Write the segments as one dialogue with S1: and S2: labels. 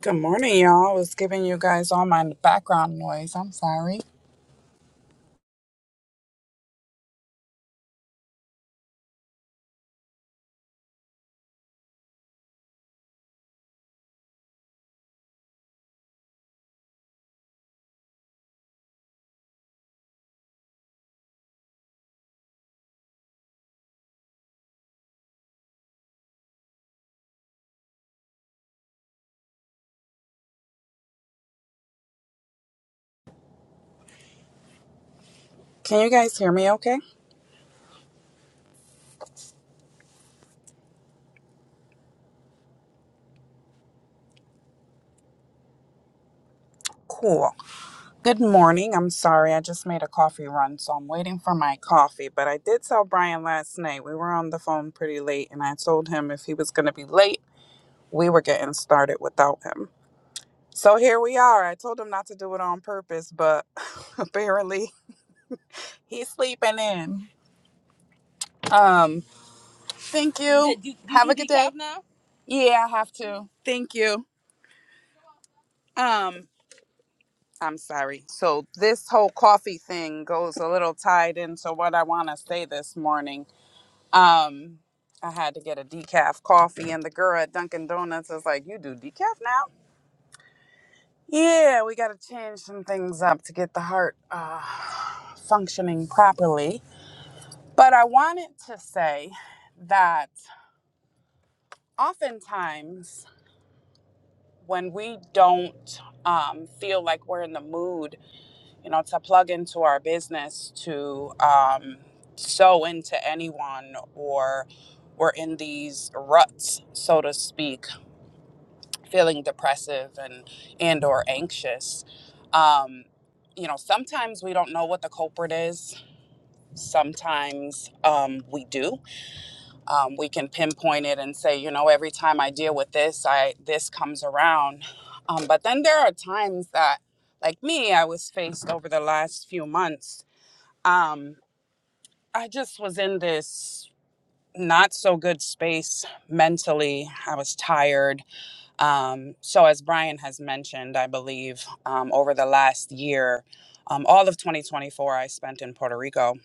S1: Good morning, y'all. I was giving you guys all my background noise. I'm sorry. Can you guys hear me okay? Cool. Good morning. I'm sorry. I just made a coffee run, so I'm waiting for my coffee. But I did tell Brian last night. We were on the phone pretty late, and I told him if he was going to be late, we were getting started without him. So here we are. I told him not to do it on purpose, but apparently he's sleeping in. Um, thank you. Did you- did Have you a good geek day. out Now? Yeah, I have to. Thank you. Um, I'm sorry. So this whole coffee thing goes a little tied into what I want to say this morning. Um, I had to get a decaf coffee, and the girl at Dunkin' Donuts is like, "You do decaf now?" Yeah, we got to change some things up to get the heart uh, functioning properly. But I wanted to say that oftentimes when we don't um, feel like we're in the mood you know, to plug into our business, to um, sow into anyone, or we're in these ruts, so to speak, feeling depressive and and or anxious. Um, you know, sometimes we don't know what the culprit is. Sometimes um, we do. Um, we can pinpoint it and say, you know, every time I deal with this, I this comes around. Um, but then there are times that, like me, I was faced over the last few months um, I just was in this not so good space mentally. I was tired. Um, so, as Brian has mentioned, I believe um, over the last year, um, all of 2024, I spent in Puerto Rico.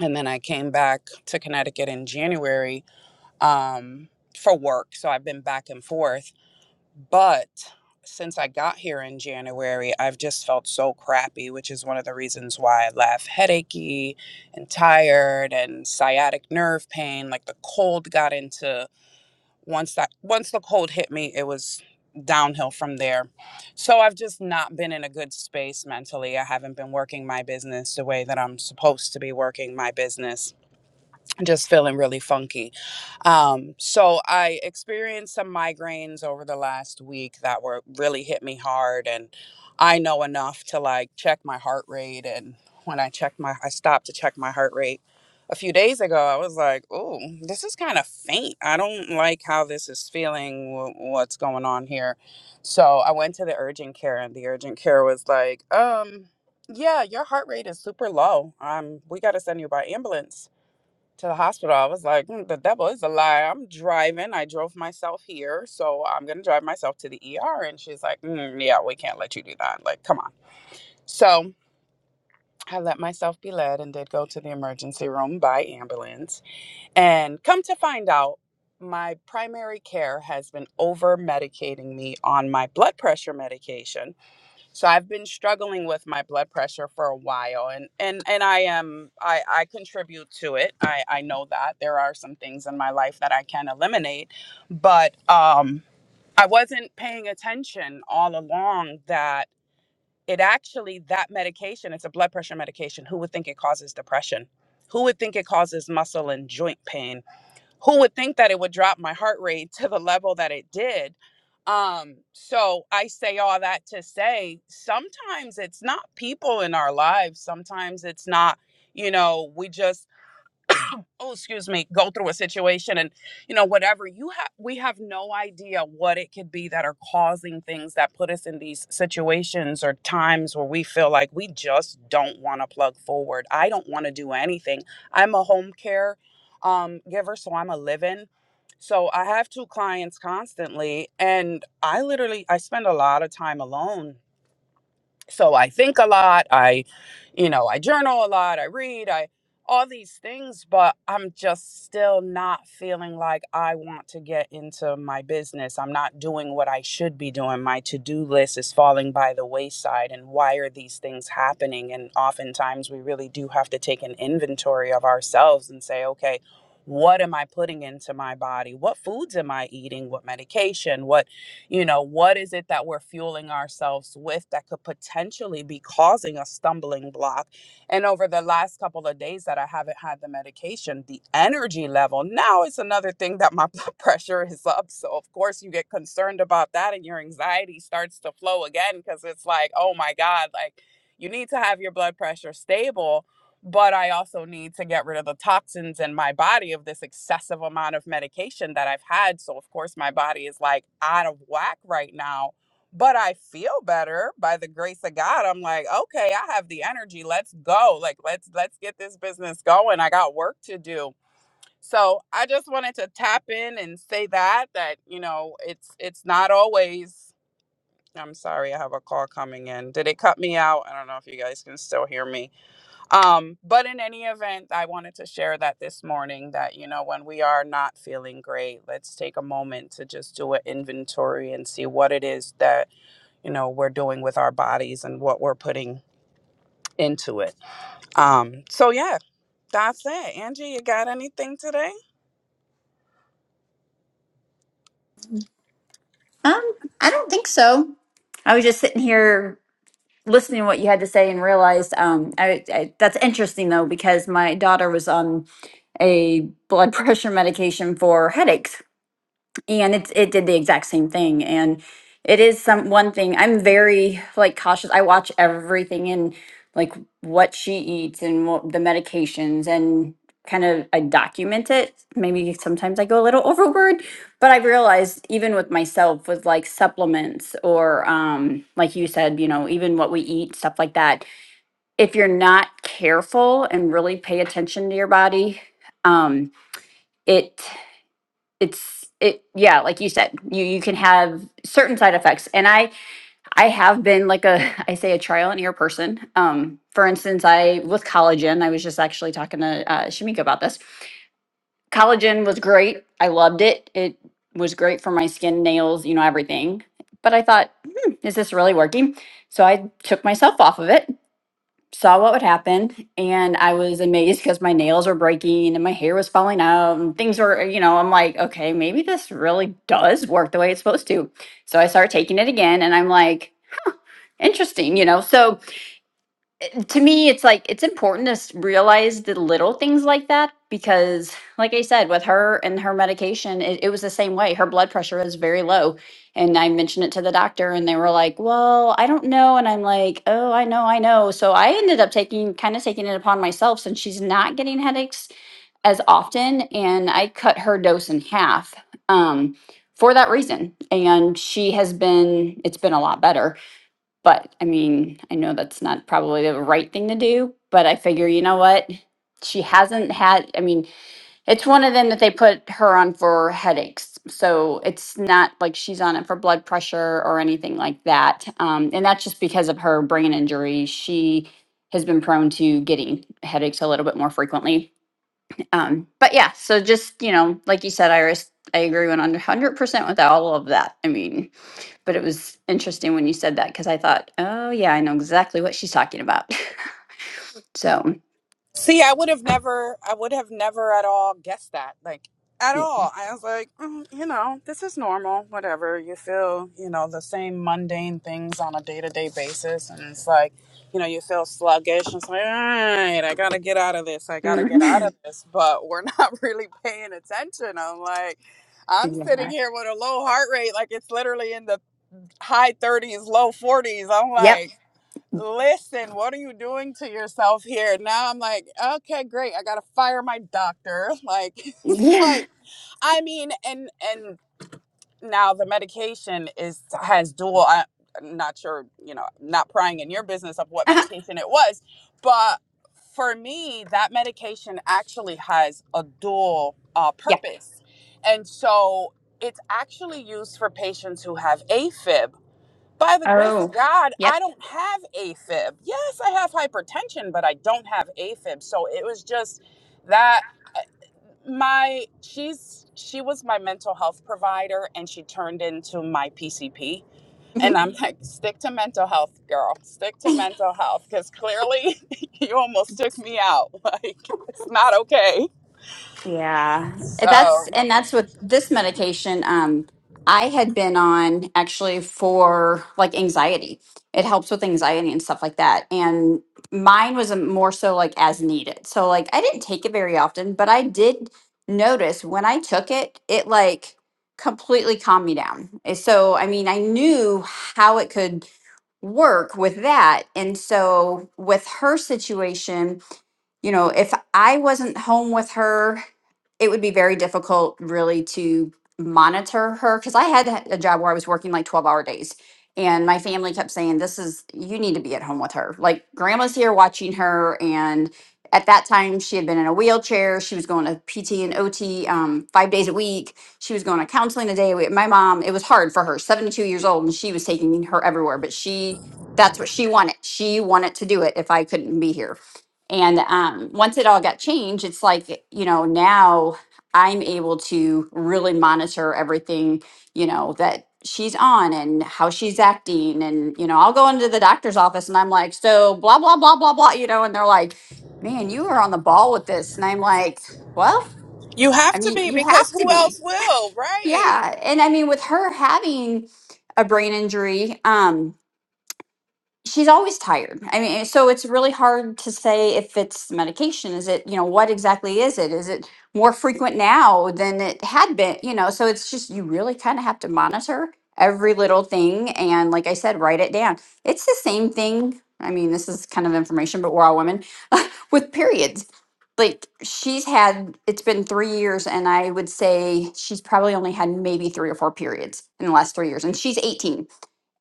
S1: And then I came back to Connecticut in January um, for work. So, I've been back and forth. But since I got here in January, I've just felt so crappy, which is one of the reasons why I left headachy and tired and sciatic nerve pain. Like the cold got into once that once the cold hit me, it was downhill from there. So I've just not been in a good space mentally. I haven't been working my business the way that I'm supposed to be working my business just feeling really funky. Um, so I experienced some migraines over the last week that were really hit me hard, and I know enough to like check my heart rate. And when I checked my, I stopped to check my heart rate a few days ago. I was like, "Oh, this is kind of faint. I don't like how this is feeling. wh- What's going on here?" So I went to the urgent care, and the urgent care was like, "Um." Yeah, your heart rate is super low. Um, we got to send you by ambulance to the hospital. I was like, "Mm, the devil is a lie. I'm driving. I drove myself here, so I'm gonna drive myself to the ER. And she's like, "Mm, yeah, we can't let you do that. Like, come on. So I let myself be led and did go to the emergency room by ambulance. And come to find out, my primary care has been over medicating me on my blood pressure medication so I've been struggling with my blood pressure for a while and and and I am I I contribute to it. I I know that there are some things in my life that I can eliminate, but um I wasn't paying attention all along that it actually that medication, it's a blood pressure medication. Who would think it causes depression? Who would think it causes muscle and joint pain? who would think that it would drop my heart rate to the level that it did um so i say all that to say sometimes it's not people in our lives sometimes it's not you know we just oh excuse me go through a situation and you know whatever you have we have no idea what it could be that are causing things that put us in these situations or times where we feel like we just don't want to plug forward i don't want to do anything i'm a home care um, giver so i'm a live-in so i have two clients constantly and i literally i spend a lot of time alone so i think a lot i you know i journal a lot i read i all these things but i'm just still not feeling like i want to get into my business i'm not doing what i should be doing my to-do list is falling by the wayside and why are these things happening and oftentimes we really do have to take an inventory of ourselves and say okay what am i putting into my body what foods am i eating what medication what you know, what is it that we're fueling ourselves with that could potentially be causing a stumbling block? And over the last couple of days that I haven't had the medication, the energy level now it's another thing that my blood pressure is up. So, of course, you get concerned about that and your anxiety starts to flow again because it's like, oh my God, like you need to have your blood pressure stable but I also need to get rid of the toxins in my body of this excessive amount of medication that I've had. So, of course, my body is like out of whack right now, but I feel better by the grace of God. I'm like, okay, I have the energy. Let's go. Like, let's let's get this business going. I got work to do. So, I just wanted to tap in and say that that, you know, it's it's not always I'm sorry, I have a call coming in. Did it cut me out? I don't know if you guys can still hear me um, but in any event, I wanted to share that this morning that, you know, when we are not feeling great, let's take a moment to just do an inventory and see what it is that, you know, we're doing with our bodies and what we're putting into it. Um, so yeah, that's it. Angie, you got anything today?
S2: Um, I don't think so. I was just sitting here listening to what you had to say and realized um, I, I, that's interesting though because my daughter was on a blood pressure medication for headaches and it it did the exact same thing and it is some one thing i'm very like cautious i watch everything in like what she eats and what the medications and kind of i document it maybe sometimes i go a little overboard but i've realized even with myself with like supplements or um like you said you know even what we eat stuff like that if you're not careful and really pay attention to your body um it it's it yeah like you said you you can have certain side effects and i i have been like a i say a trial and error person um for instance i with collagen i was just actually talking to uh, shamika about this collagen was great i loved it it was great for my skin nails you know everything but i thought hmm, is this really working so i took myself off of it saw what would happen and I was amazed because my nails were breaking and my hair was falling out and things were, uh, you know, I'm like, okay, maybe this really does work the way it's supposed to. So I started taking it again and I'm like, interesting, you know. So to me it's like it's important to s- realize the little things like that because like i said with her and her medication it, it was the same way her blood pressure was very low and i mentioned it to the doctor and they were like well i don't know and i'm like oh i know i know so i ended up taking kind of taking it upon myself since she's not getting headaches as often and i cut her dose in half um, for that reason and she has been it's been a lot better but I mean, I know that's not probably the right thing to do, but I figure, you know what? She hasn't had, I mean, it's one of them that they put her on for headaches. So it's not like she's on it for blood pressure or anything like that. Um, and that's just because of her brain injury. She has been prone to getting headaches a little bit more frequently. Um, but yeah, so just, you know, like you said, Iris, I agree 100% with all of that. I mean, but it was interesting when you said that because I thought, oh yeah, I know exactly what she's talking about. so
S1: See, I would have never, I would have never at all guessed that, like at
S2: yeah,
S1: all. I was like, mm, you know, this is normal, whatever. You feel, you know, the same mundane things on a day to day basis. And it's like, you know, you feel sluggish. It's like, all right, I got to get out of this. I got to get out of
S2: Mhm.
S1: this. But we're not really paying attention. I'm like, I'm sitting
S2: yeah,
S1: here with a low heart rate, like it's literally in the high 30s, low 40s. I'm
S2: yep,
S1: like, listen, what are you doing to yourself here? Now I'm like, okay, great. I gotta fire my doctor. Like,
S2: yeah,
S1: like, I mean, and and now the medication is has dual. I, I'm not sure, you know, not prying in your business of what
S2: uh
S1: medication it was, but for me, that medication actually has a dual uh,
S2: yeah.
S1: purpose, and so it's actually used for patients who have AFib by the grace
S2: Oh,
S1: of God,
S2: yep.
S1: I don't have AFib. Yes, I have hypertension, but I don't have AFib. So it was just that my she's she was my mental health provider and she turned into my PCP.
S2: Mhm.
S1: And I'm like, stick to mental health, girl. Stick to mental health because clearly you almost took me out. Like, it's not okay.
S2: Yeah. And
S1: So
S2: That's and that's what this medication um I had been on actually for like anxiety. It helps with anxiety and stuff like that. And mine was a more so like as needed. So like I didn't take it very often, but I did notice when I took it, it like completely calmed me down. And So I mean, I knew how it could work with that. And so with her situation, you know, if I wasn't home with her, it would be very difficult really to monitor her because I had a job where I was working like 12 hour days. And my family kept saying, This is, you need to be at home with her. Like, grandma's here watching her. And at that time, she had been in a wheelchair. She was going to PT and OT um, five days a week she was going to counseling a day a week. My mom, it was hard for her, 72 years old, and she was taking her everywhere, but she, that's what she wanted. She wanted to do it if I couldn't be here. And um, once it all got changed, it's like, you know, now I'm able to really monitor everything, you know, that she's on and how she's acting. And, you know, I'll go into the doctor's office and I'm like, so blah, blah, blah, blah, blah, you know, and they're like, man, you are on the ball with this. And I'm like, well,
S1: you have
S2: I
S1: to
S2: mean,
S1: be
S2: you
S1: because
S2: have to
S1: who
S2: be.
S1: else will, right?
S2: Yeah, and I mean, with her having a brain injury, um, she's always tired. I mean, so it's really hard to say if it's medication. Is it, you know, what exactly is it? Is it more frequent now than it had been, you know? So it's just, you really kind of have to monitor every little thing. And like I said, write it down. It's the same thing. I mean, this is kind of information, but we're all women with periods. Like she's had, it's been three years, and I would say she's probably only had maybe three or four periods in the last three years. And she's 18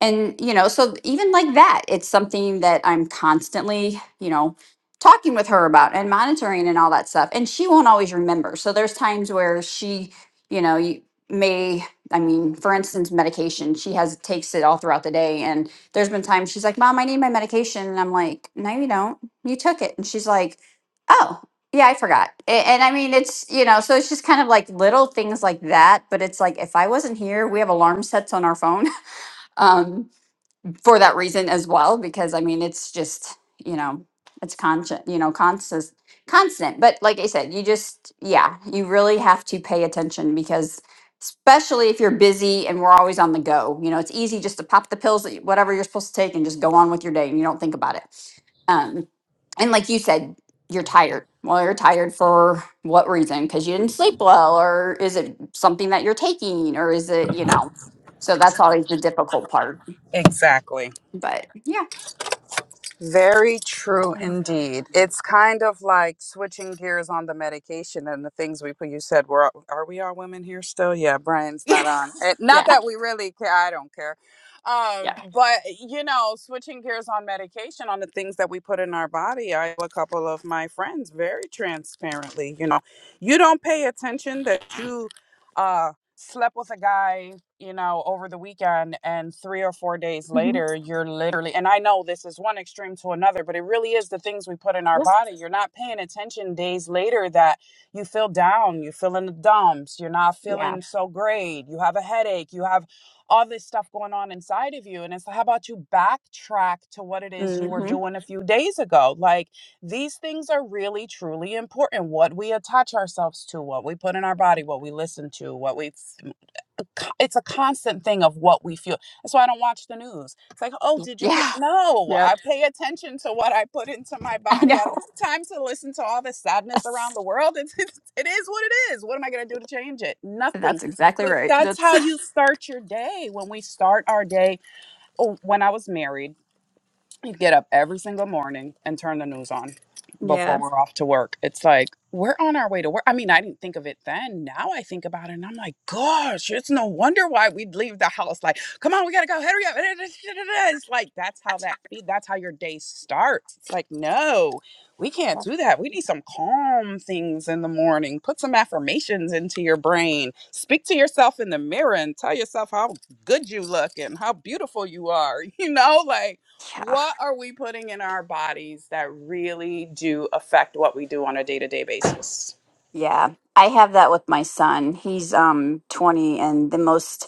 S2: and you know so even like that it's something that i'm constantly you know talking with her about and monitoring and all that stuff and she won't always remember so there's times where she you know you may i mean for instance medication she has takes it all throughout the day and there's been times she's like mom i need my medication and i'm like no you don't you took it and she's like oh yeah i forgot A- and i mean it's you know so it's just kind of like little things like that but it's like if i wasn't here we have alarm sets on our phone um for that reason as well because i mean it's just you know it's constant you know constant constant but like i said you just yeah you really have to pay attention because especially if you're busy and we're always on the go you know it's easy just to pop the pills that you- whatever you're supposed to take and just go on with your day and you don't think about it um and like you said you're tired well you're tired for what reason because you didn't sleep well or is it something that you're taking or is it you know so that's always the difficult part
S1: Exactly.
S2: but yeah,
S1: Very true indeed. It's kind of like switching gears on the medication and the things we put. You said, "We're all- are we all women here still?" Yeah, Brian's
S2: yeah,
S1: not on. Eh, Not
S2: yeah,
S1: that we really care. I don't care.
S2: yeah,
S1: Um, but you know, switching gears on medication on the things that we put in our body. I have a couple of my friends very transparently. You know, you don't pay attention that you uh slept with a guy you know, over the weekend and three or four days
S2: Mhm.
S1: later, you're literally, and I know this is one extreme to another, but it really is the things we put in our
S2: yes,
S1: body. You're not paying attention days later that you feel down, you feel in the dumps, you're not
S2: yeah,
S1: feeling so great, you have a headache, you have all this stuff going on inside of you. And it's like, how about you backtrack to what it is you were
S2: hmm
S1: doing a few days ago? Like these things are really, truly important. What we attach ourselves to, what we put in our body, what we listen to, what we it's a constant thing of what we feel. That's why I don't watch the news. It's like, oh, did you hear?
S2: yeah,
S1: No, I
S2: yep.
S1: pay attention to what I put into my
S2: I
S1: body. I
S2: know.
S1: don't have time to listen to all the sadness around
S2: That's
S1: the world. It's, it's, it is what it is. What am I going to do to change it? Nothing.
S2: that's exactly
S1: But
S2: right.
S1: that's
S2: That's
S1: how you start your day. When we start our day, oh, when I was married you get up every single morning and turn the news on before
S2: yeah,
S1: we're off to work. It's like we're on our way to work. I mean, I didn't think of it then. Now I think about it and I'm like, gosh, it's no wonder why we'd leave the house. Like, come on, we gotta go. Hurry up. It's like that's how that that's how your day starts. It's like, no, we can't do that. We need some calm things in the morning. Put some affirmations into your brain. Speak to yourself in the mirror and tell yourself how good you look and how beautiful you are. You know, like
S2: yeah,
S1: what are we putting in our bodies that really do affect what we do on a day-to-day basis
S2: yeah. I have that with my son. He's um twenty, and the most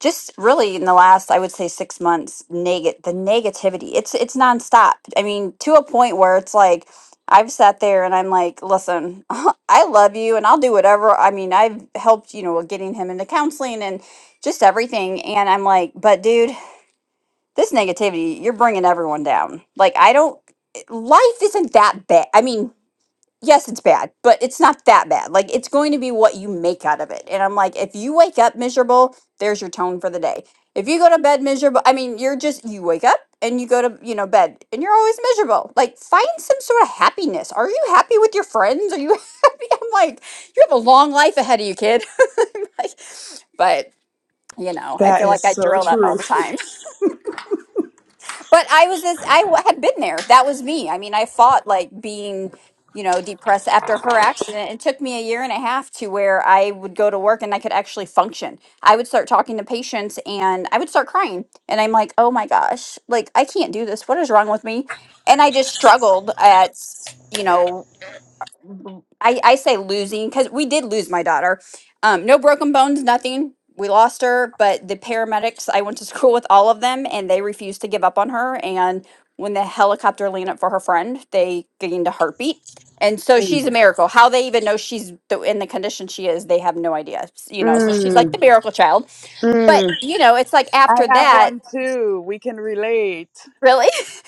S2: just really in the last i would say six months neg- the negativity it's it's nonstop i mean to a point where it's like i've sat there and i'm like listen i love you and i'll do whatever i mean i've helped you know with getting him into counseling and just everything and i'm like but dude this negativity you're bringing everyone down like i don't life isn't that bad i mean yes, it's bad, but it's not that bad. Like it's going to be what you make out of it. And I'm like, if you wake up miserable, there's your tone for the day. If you go to bed miserable, I mean, you're just you wake up and you go to, you know, bed and you're always miserable. Like find some sort of happiness. Are you happy with your friends? Are you happy? I'm like, you have a long life ahead of you, kid. like, but you know, I feel like I drill that all the time. But I was this, I w- had been there. That was me. I mean, I fought like being, you know, depressed after her accident. It took me a year and a half to where I would go to work and I could actually function. I would start talking to patients and I would start crying. And I'm like, oh my gosh, like I can't do this. What is wrong with me? And I just struggled at, you know, I, I say losing because we did lose my daughter. Um, no broken bones, nothing. We lost her, but the paramedics, I went to school with all of them and they refused to give up on her. And when the helicopter leaned up for her friend, they gained a heartbeat. And so
S1: Mm,
S2: she's a miracle. How they even know she's the, in the condition she is, they have no idea. You know, so she's like the
S1: mm,
S2: miracle child. But,
S1: mm.
S2: you know, it's like
S1: I
S2: after
S1: have
S2: that,
S1: one too. We can relate.
S2: really?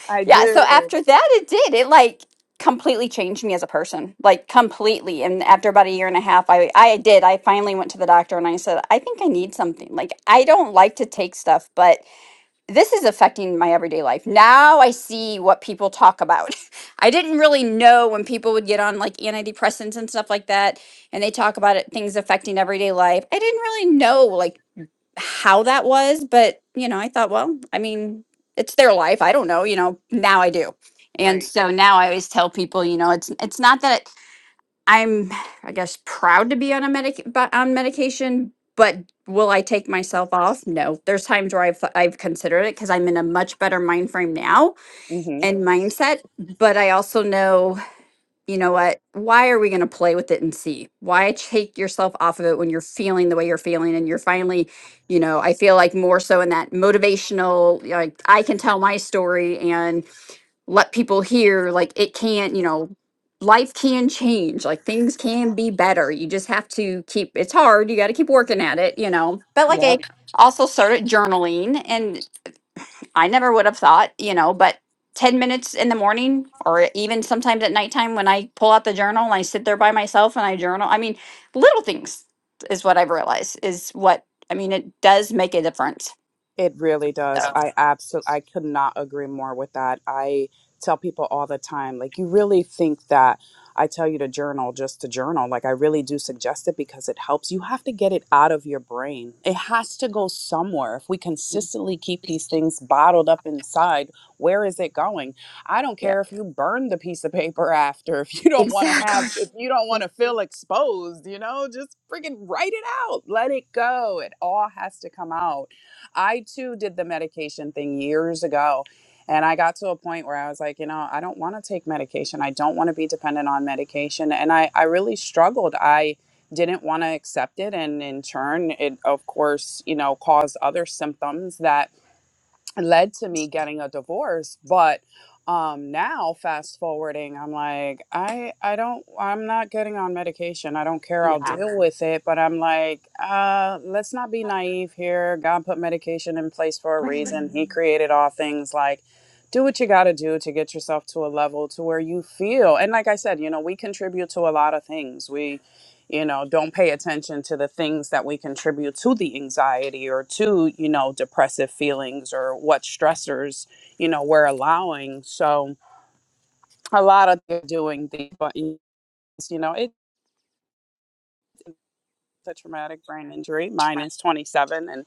S1: I
S2: Yeah, so
S1: do.
S2: after that it did. It like completely changed me as a person. Like completely. And after about a year and a half, I I did. I finally went to the doctor and I said, "I think I need something. Like I don't like to take stuff, but this is affecting my everyday life. Now I see what people talk about. I didn't really know when people would get on like antidepressants and stuff like that and they talk about it things affecting everyday life. I didn't really know like how that was, but you know, I thought, well, I mean, it's their life. I don't know, you know, now I do. And so now I always tell people, you know, it's it's not that I'm I guess proud to be on a medic but on medication, but will I take myself off? No. There's times where I've I've considered it cuz I'm in a much better mind frame now
S1: mm-hmm.
S2: and mindset, but I also know you know what? Why are we going to play with it and see? Why take yourself off of it when you're feeling the way you're feeling and you're finally, you know, I feel like more so in that motivational, like I can tell my story and let people hear, like it can't, you know, life can change, like things can be better. You just have to keep, it's hard. You got to keep working at it, you know. But like I Yeah. also started journaling and. I never would have thought, you know, but 10 minutes in the morning or even sometimes at nighttime when I pull out the journal and I sit there by myself and I journal. I mean, little things is what I've realized is what I mean, it does make a difference.
S1: It really does.
S2: So,
S1: I absolutely I could not agree more with that. I tell people all the time like you really think that I tell you to journal just to journal. Like I really do suggest it because it helps. You have to get it out of your brain. It has to go somewhere. If we consistently keep these things bottled up inside, where is it going? I don't
S2: yeah.
S1: care if you burn the piece of paper after. If you don't want to
S2: Exactly.
S1: have if you don't want to feel exposed, you know, just freaking write it out. Let it go. It all has to come out I too did the medication thing years ago. And I got to a point where I was like, you know, I don't want to take medication. I don't want to be dependent on medication. And I, I really struggled. I didn't want to accept it. And in turn, it, of course, you know, caused other symptoms that led to me getting a divorce but um now fast forwarding i'm like i i don't i'm not getting on medication i don't care i'll
S2: Yeah.
S1: deal with it but i'm like uh let's not be naive here god put medication in place for a reason he created all things like do what you got to do to get yourself to a level to where you feel and like i said you know we contribute to a lot of things we you know don't pay attention to the things that we contribute to the anxiety or to you know depressive feelings or what stressors you know we're allowing so a lot of they're doing the but you know it's a traumatic brain injury mine is 27 and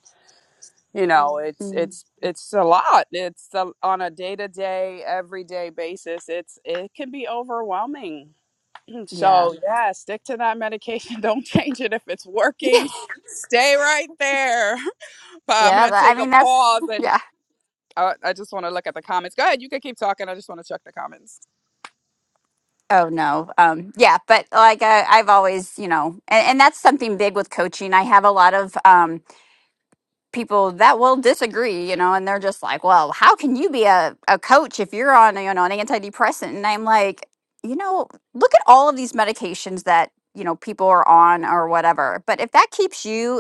S1: you know Mhm. it's
S2: Mm,
S1: it's it's a lot it's a, on a day-to-day everyday basis it's it can be overwhelming
S2: Yeah.
S1: so yeah yeah, stick to that medication don't change it if it's
S2: Yeah,
S1: working stay right there But I'm
S2: Yeah.
S1: gonna
S2: tha- I
S1: take a
S2: mean that's
S1: pause and
S2: yeah.
S1: I, I just want to look at the comments. Go ahead, you can keep talking. I just want to check the comments.
S2: Oh no. Um yeah, but like I I've always, you know, and, and that's something big with coaching. I have a lot of um people that will disagree, you know, and they're just like, well, how can you be a, a coach if you're on, you know, an antidepressant? And I'm like, you know, look at all of these medications that, you know, people are on or whatever. But if that keeps you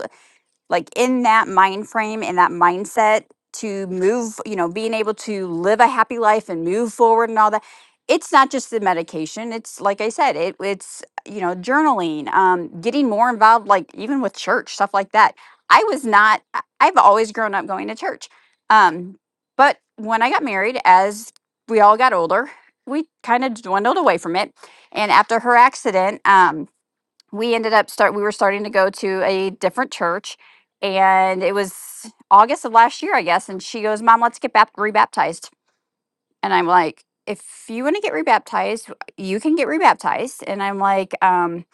S2: like in that mind frame in that mindset to move you know being able to live a happy life and move forward and all that it's not just the medication it's like i said it, it's you know journaling um getting more involved like even with church stuff like that i was not I- i've always grown up going to church um but when i got married as we all got older we kind of dwindled away from it and after her accident um we ended up start we were starting to go to a different church and it was august of last year i guess and she goes mom let's get bap- rebaptized and i'm like if you want to get rebaptized you can get rebaptized and i'm like um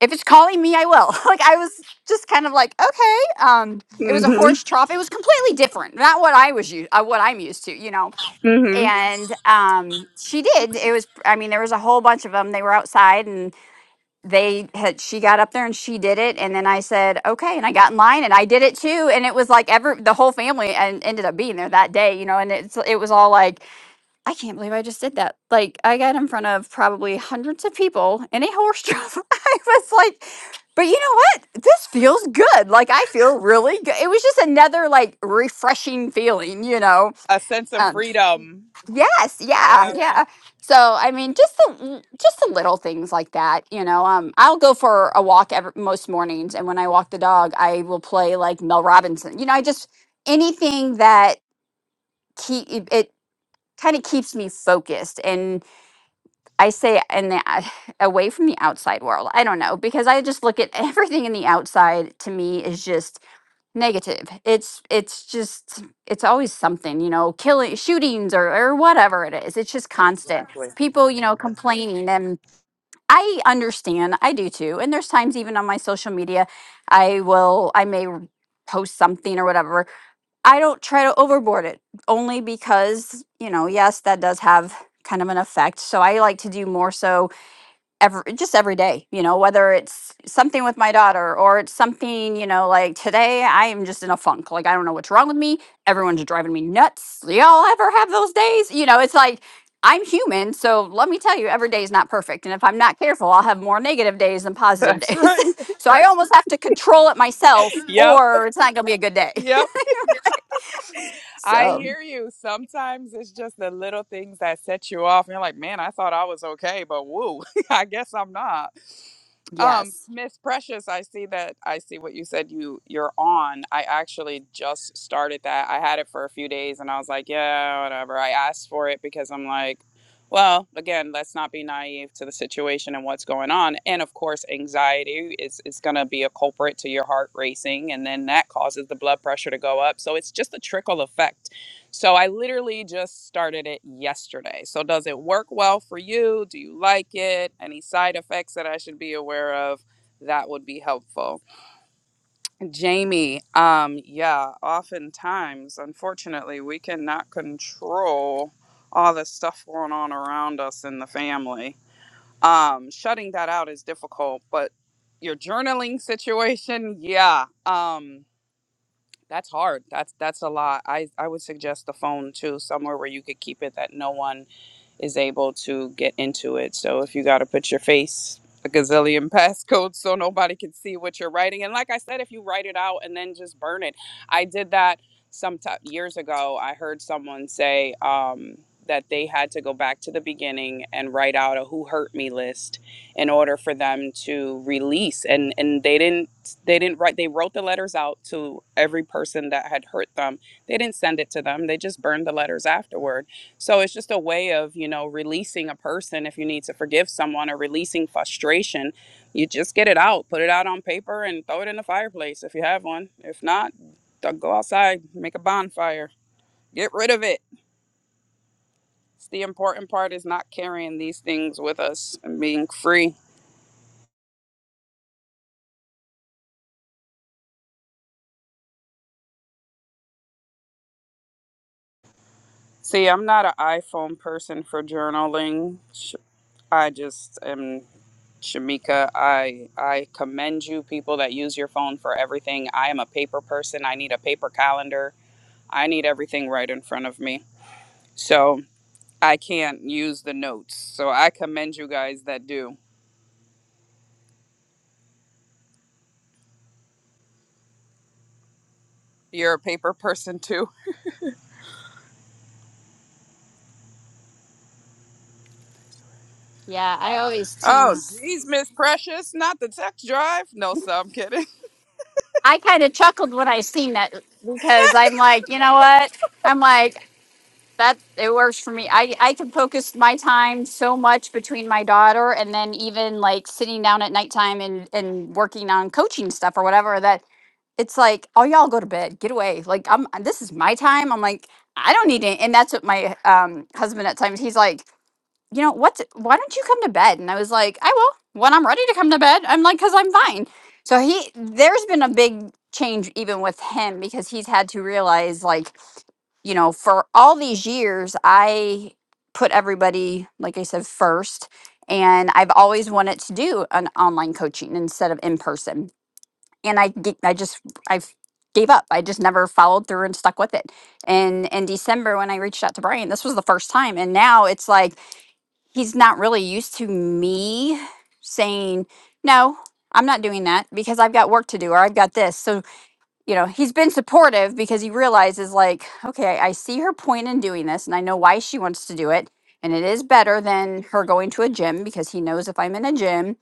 S2: if it's calling me i will like i was just kind of like okay um it was a
S1: Mhm.
S2: horse trough it was completely different not what i was used uh, what i'm used to you know
S1: Mhm.
S2: and um she did it was i mean there was a whole bunch of them they were outside and they had she got up there and she did it and then i said okay and i got in line and i did it too and it was like every the whole family and ended up being there that day you know and it's it was all like i can't believe i just did that like i got in front of probably hundreds of people in a horse trough i was like but you know what this feels good like i feel really good it was just another like refreshing feeling you know
S1: A sense of
S2: Um,
S1: freedom.
S2: Yes, yeah, Yeah.
S1: Yeah,
S2: yeah. So I mean, just the mm, just the little things like that, you know. Um, I'll go for a walk every, most mornings, and when I walk the dog, I will play like Mel Robinson. You know, I just anything that keep it, it kind of keeps me focused, I say and the, uh, away from the outside world. I don't know because I just look at everything in the outside to me is just negative. It's it's just it's always something, you know, killing shootings or or whatever it is. It's just constant.
S1: exactly.
S2: People, you know, complaining and I understand. I do too. And there's times even on my social media I will I may r- post something or whatever I don't try to overboard it only because, you know, yes, that does have kind of an effect. So I like to do more so every just every day, you know, whether it's something with my daughter or it's something, you know, like today I am just in a funk. Like I don't know what's wrong with me. Everyone's driving me nuts. Y'all ever have those days? You know, it's like I'm human, so let me tell you, every day is not perfect. And if I'm not careful, I'll have more negative days than positive
S1: That's
S2: days.
S1: right.
S2: so I Right. almost have to control it myself,
S1: Yep,
S2: or it's not going to be a good day.
S1: yep. I
S2: So,
S1: hear you. Sometimes it's just the little things that set you off. And you're like, man, I thought I was okay, but woo, I guess I'm not. Um,
S2: yes.
S1: Miss Precious, I see that I see what you said you you're on. I actually just started that. I had it for a few days and I was like, yeah, whatever. I asked for it because I'm like well, again, let's not be naive to the situation and what's going on. And of course, anxiety is, is going to be a culprit to your heart racing. And then that causes the blood pressure to go up. So it's just a trickle effect. So I literally just started it yesterday. So does it work well for you? Do you like it? Any side effects that I should be aware of? That would be helpful. Jamie, um, yeah, oftentimes, unfortunately, we cannot control all the stuff going on around us in the family. Um, shutting that out is difficult, but your journaling situation, yeah, um, that's hard. That's that's a lot. I I would suggest the phone too, somewhere where you could keep it that no one is able to get into it. So if you got to put your face a gazillion passcodes so nobody can see what you're writing, and like I said, if you write it out and then just burn it, I did that some ti years ago. I heard someone say um, that they had to go back to the beginning and write out a "Who Hurt Me" list in order for them to release, and and they didn't they didn't write they wrote the letters out to every person that had hurt them. They didn't send it to them. They just burned the letters afterward so it's just a way of, you know, releasing a person if you need to forgive someone or releasing frustration. You just get it out, put it out on paper and throw it in the fireplace if you have one. If not, th- go outside, make a bonfire, get rid of it. It's the important part is not carrying these things with us and being free. See, I'm not an iPhone person for journaling. so I just am Shamika. I I commend you people that use your phone for everything. I am a paper person. I need a paper calendar. I need everything right in front of me. So I can't use the notes. So I commend you guys that do. You're a paper person too.
S2: Yeah, I always
S1: Oh
S2: tease.
S1: geez, Miss Precious, not the text drive. No, so I'm kidding.
S2: I kind of chuckled when I seen that uh, because I'm like, you know what? I'm like, that it works for me. I, I can focus my time so much between my daughter and then even like sitting down at nighttime and, and working on coaching stuff or whatever that it's like, oh, y'all go to bed, get away. Like, I'm this is my time. I'm like, I don't need it. And that's what my um, husband at times, he's like, you know what's? why don't you come to bed and i was like i will when i'm ready to come to bed i'm like because i'm fine so he there's been a big change even with him because he's had to realize like you know for all these years i put everybody like i said first and i've always wanted to do an online coaching instead of in person and i g- i just i gave up i just never followed through and stuck with it and in december when i reached out to brian this was the first time and now it's like he's not really used to me saying no i'm not doing that because i've got work to do or i've got this so you know he's been supportive because he realizes like okay i see her point in doing this and i know why she wants to do it and it is better than her going to a gym because he knows if i'm in a gym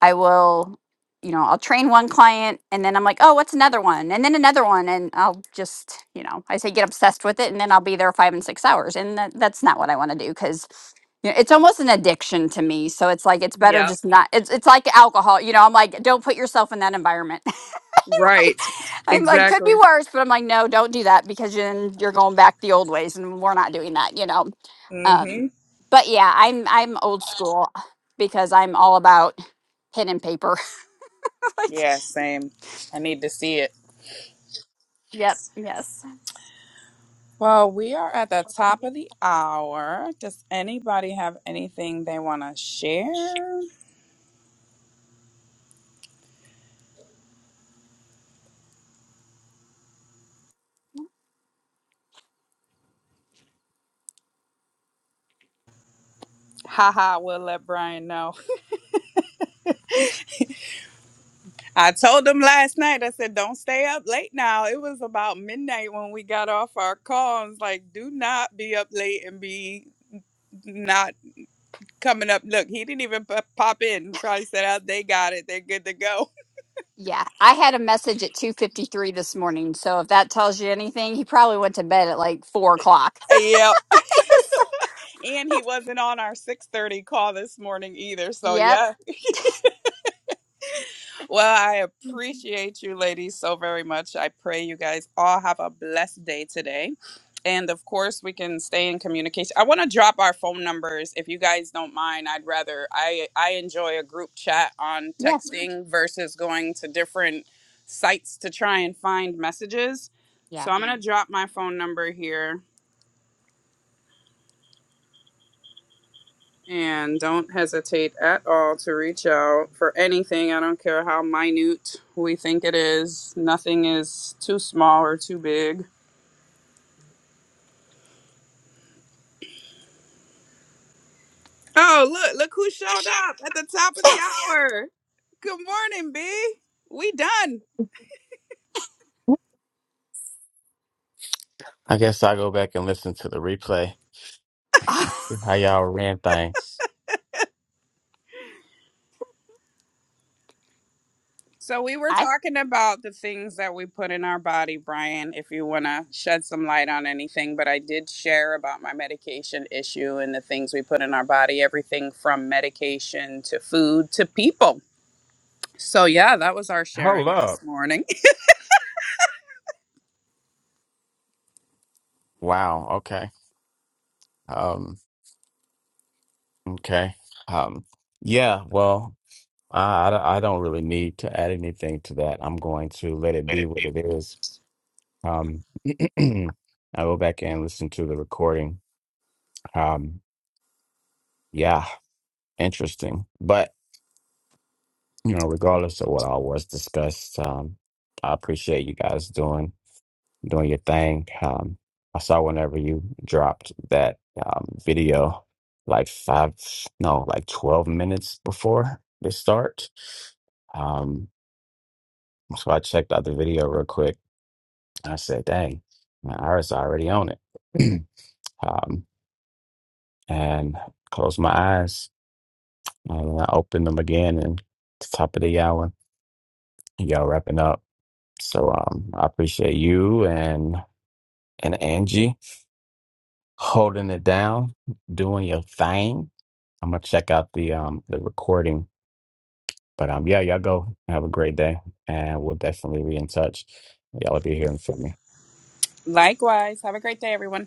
S2: I will, you know, I'll train one client and then I'm like, oh, what's another one? And then another one. And I'll just, you know, I say get obsessed with it and then I'll be there five and six hours. And that, that's not what I want to do because you know, it's almost an addiction to me. So it's like, it's better
S1: Yep.
S2: just not, it's, it's like alcohol. You know, I'm like, don't put yourself in that environment.
S1: Right.
S2: I'm like, could
S1: Exactly.
S2: be worse, but I'm like, no, don't do that because then you're going back the old ways and we're not doing that, you know? Um,
S1: Mm-hmm.
S2: but yeah, I'm, I'm old school because I'm all about pen and paper. like
S1: Yeah, same. I need to see it. Well, we are at the top of the hour. Does anybody have anything they want to share? Haha, we'll let Brian know. I told him last night, I said, don't stay up late now. It was about midnight when we got off our call. I was like, do not be up late and be not coming up. Look, he didn't even p- pop in. Probably said, oh, they got it. They're good to go.
S2: Yeah, I had a message at 2:53 this morning. So if that tells you anything, he probably went to bed at like four o'clock.
S1: yep. And he wasn't on our 630 call this morning either. So,
S2: Yep.
S1: yeah. Well, I appreciate you ladies so very much. I pray you guys all have a blessed day today. And of course, we can stay in communication. I want to drop our phone numbers if you guys don't mind. I'd rather I I enjoy a group chat on
S2: Yeah.
S1: texting versus going to different sites to try and find messages. So
S2: Yeah.
S1: I'm going to drop my phone number here. And don't hesitate at all to reach out for anything. I don't care how minute we think it is. Nothing is too small or too big. Oh, look, look who showed up at the top of the hour. Good morning, B. We done.
S3: I guess I'll go back and listen to the replay. How
S2: I
S3: y'all ran things.
S1: So we were talking about the things that we put in our body, Brian, if you want to shed some light on anything, but I did share about my medication issue and the things we put in our body, everything from medication to food to people So, yeah, that was our
S3: Hold
S1: sharing this
S3: up.
S1: morning.
S3: Wow. Okay. Um, okay. Um, yeah, well, I, I don't I don't really need to add anything to that. I'm going to let it be what it is. Um, I'll go back and listen to the recording. Um, yeah, interesting. But, you know, regardless of what all was discussed, um, I appreciate you guys doing. doing your thing. Um, I saw whenever you dropped that um, video, like five, no, like 12 minutes before they start. Um, so I checked out the video real quick. I said, dang, my iris already on it. um, and closed my eyes. And I opened them again and the top of the hour, y'all wrapping up. So um, I appreciate you and and Angie. holding it down, doing your thing. I'm gonna check out the um the recording. But um yeah, y'all go have a great day and we'll definitely be in touch. Y'all will be hearing from me.
S1: Likewise. Have a great day, everyone.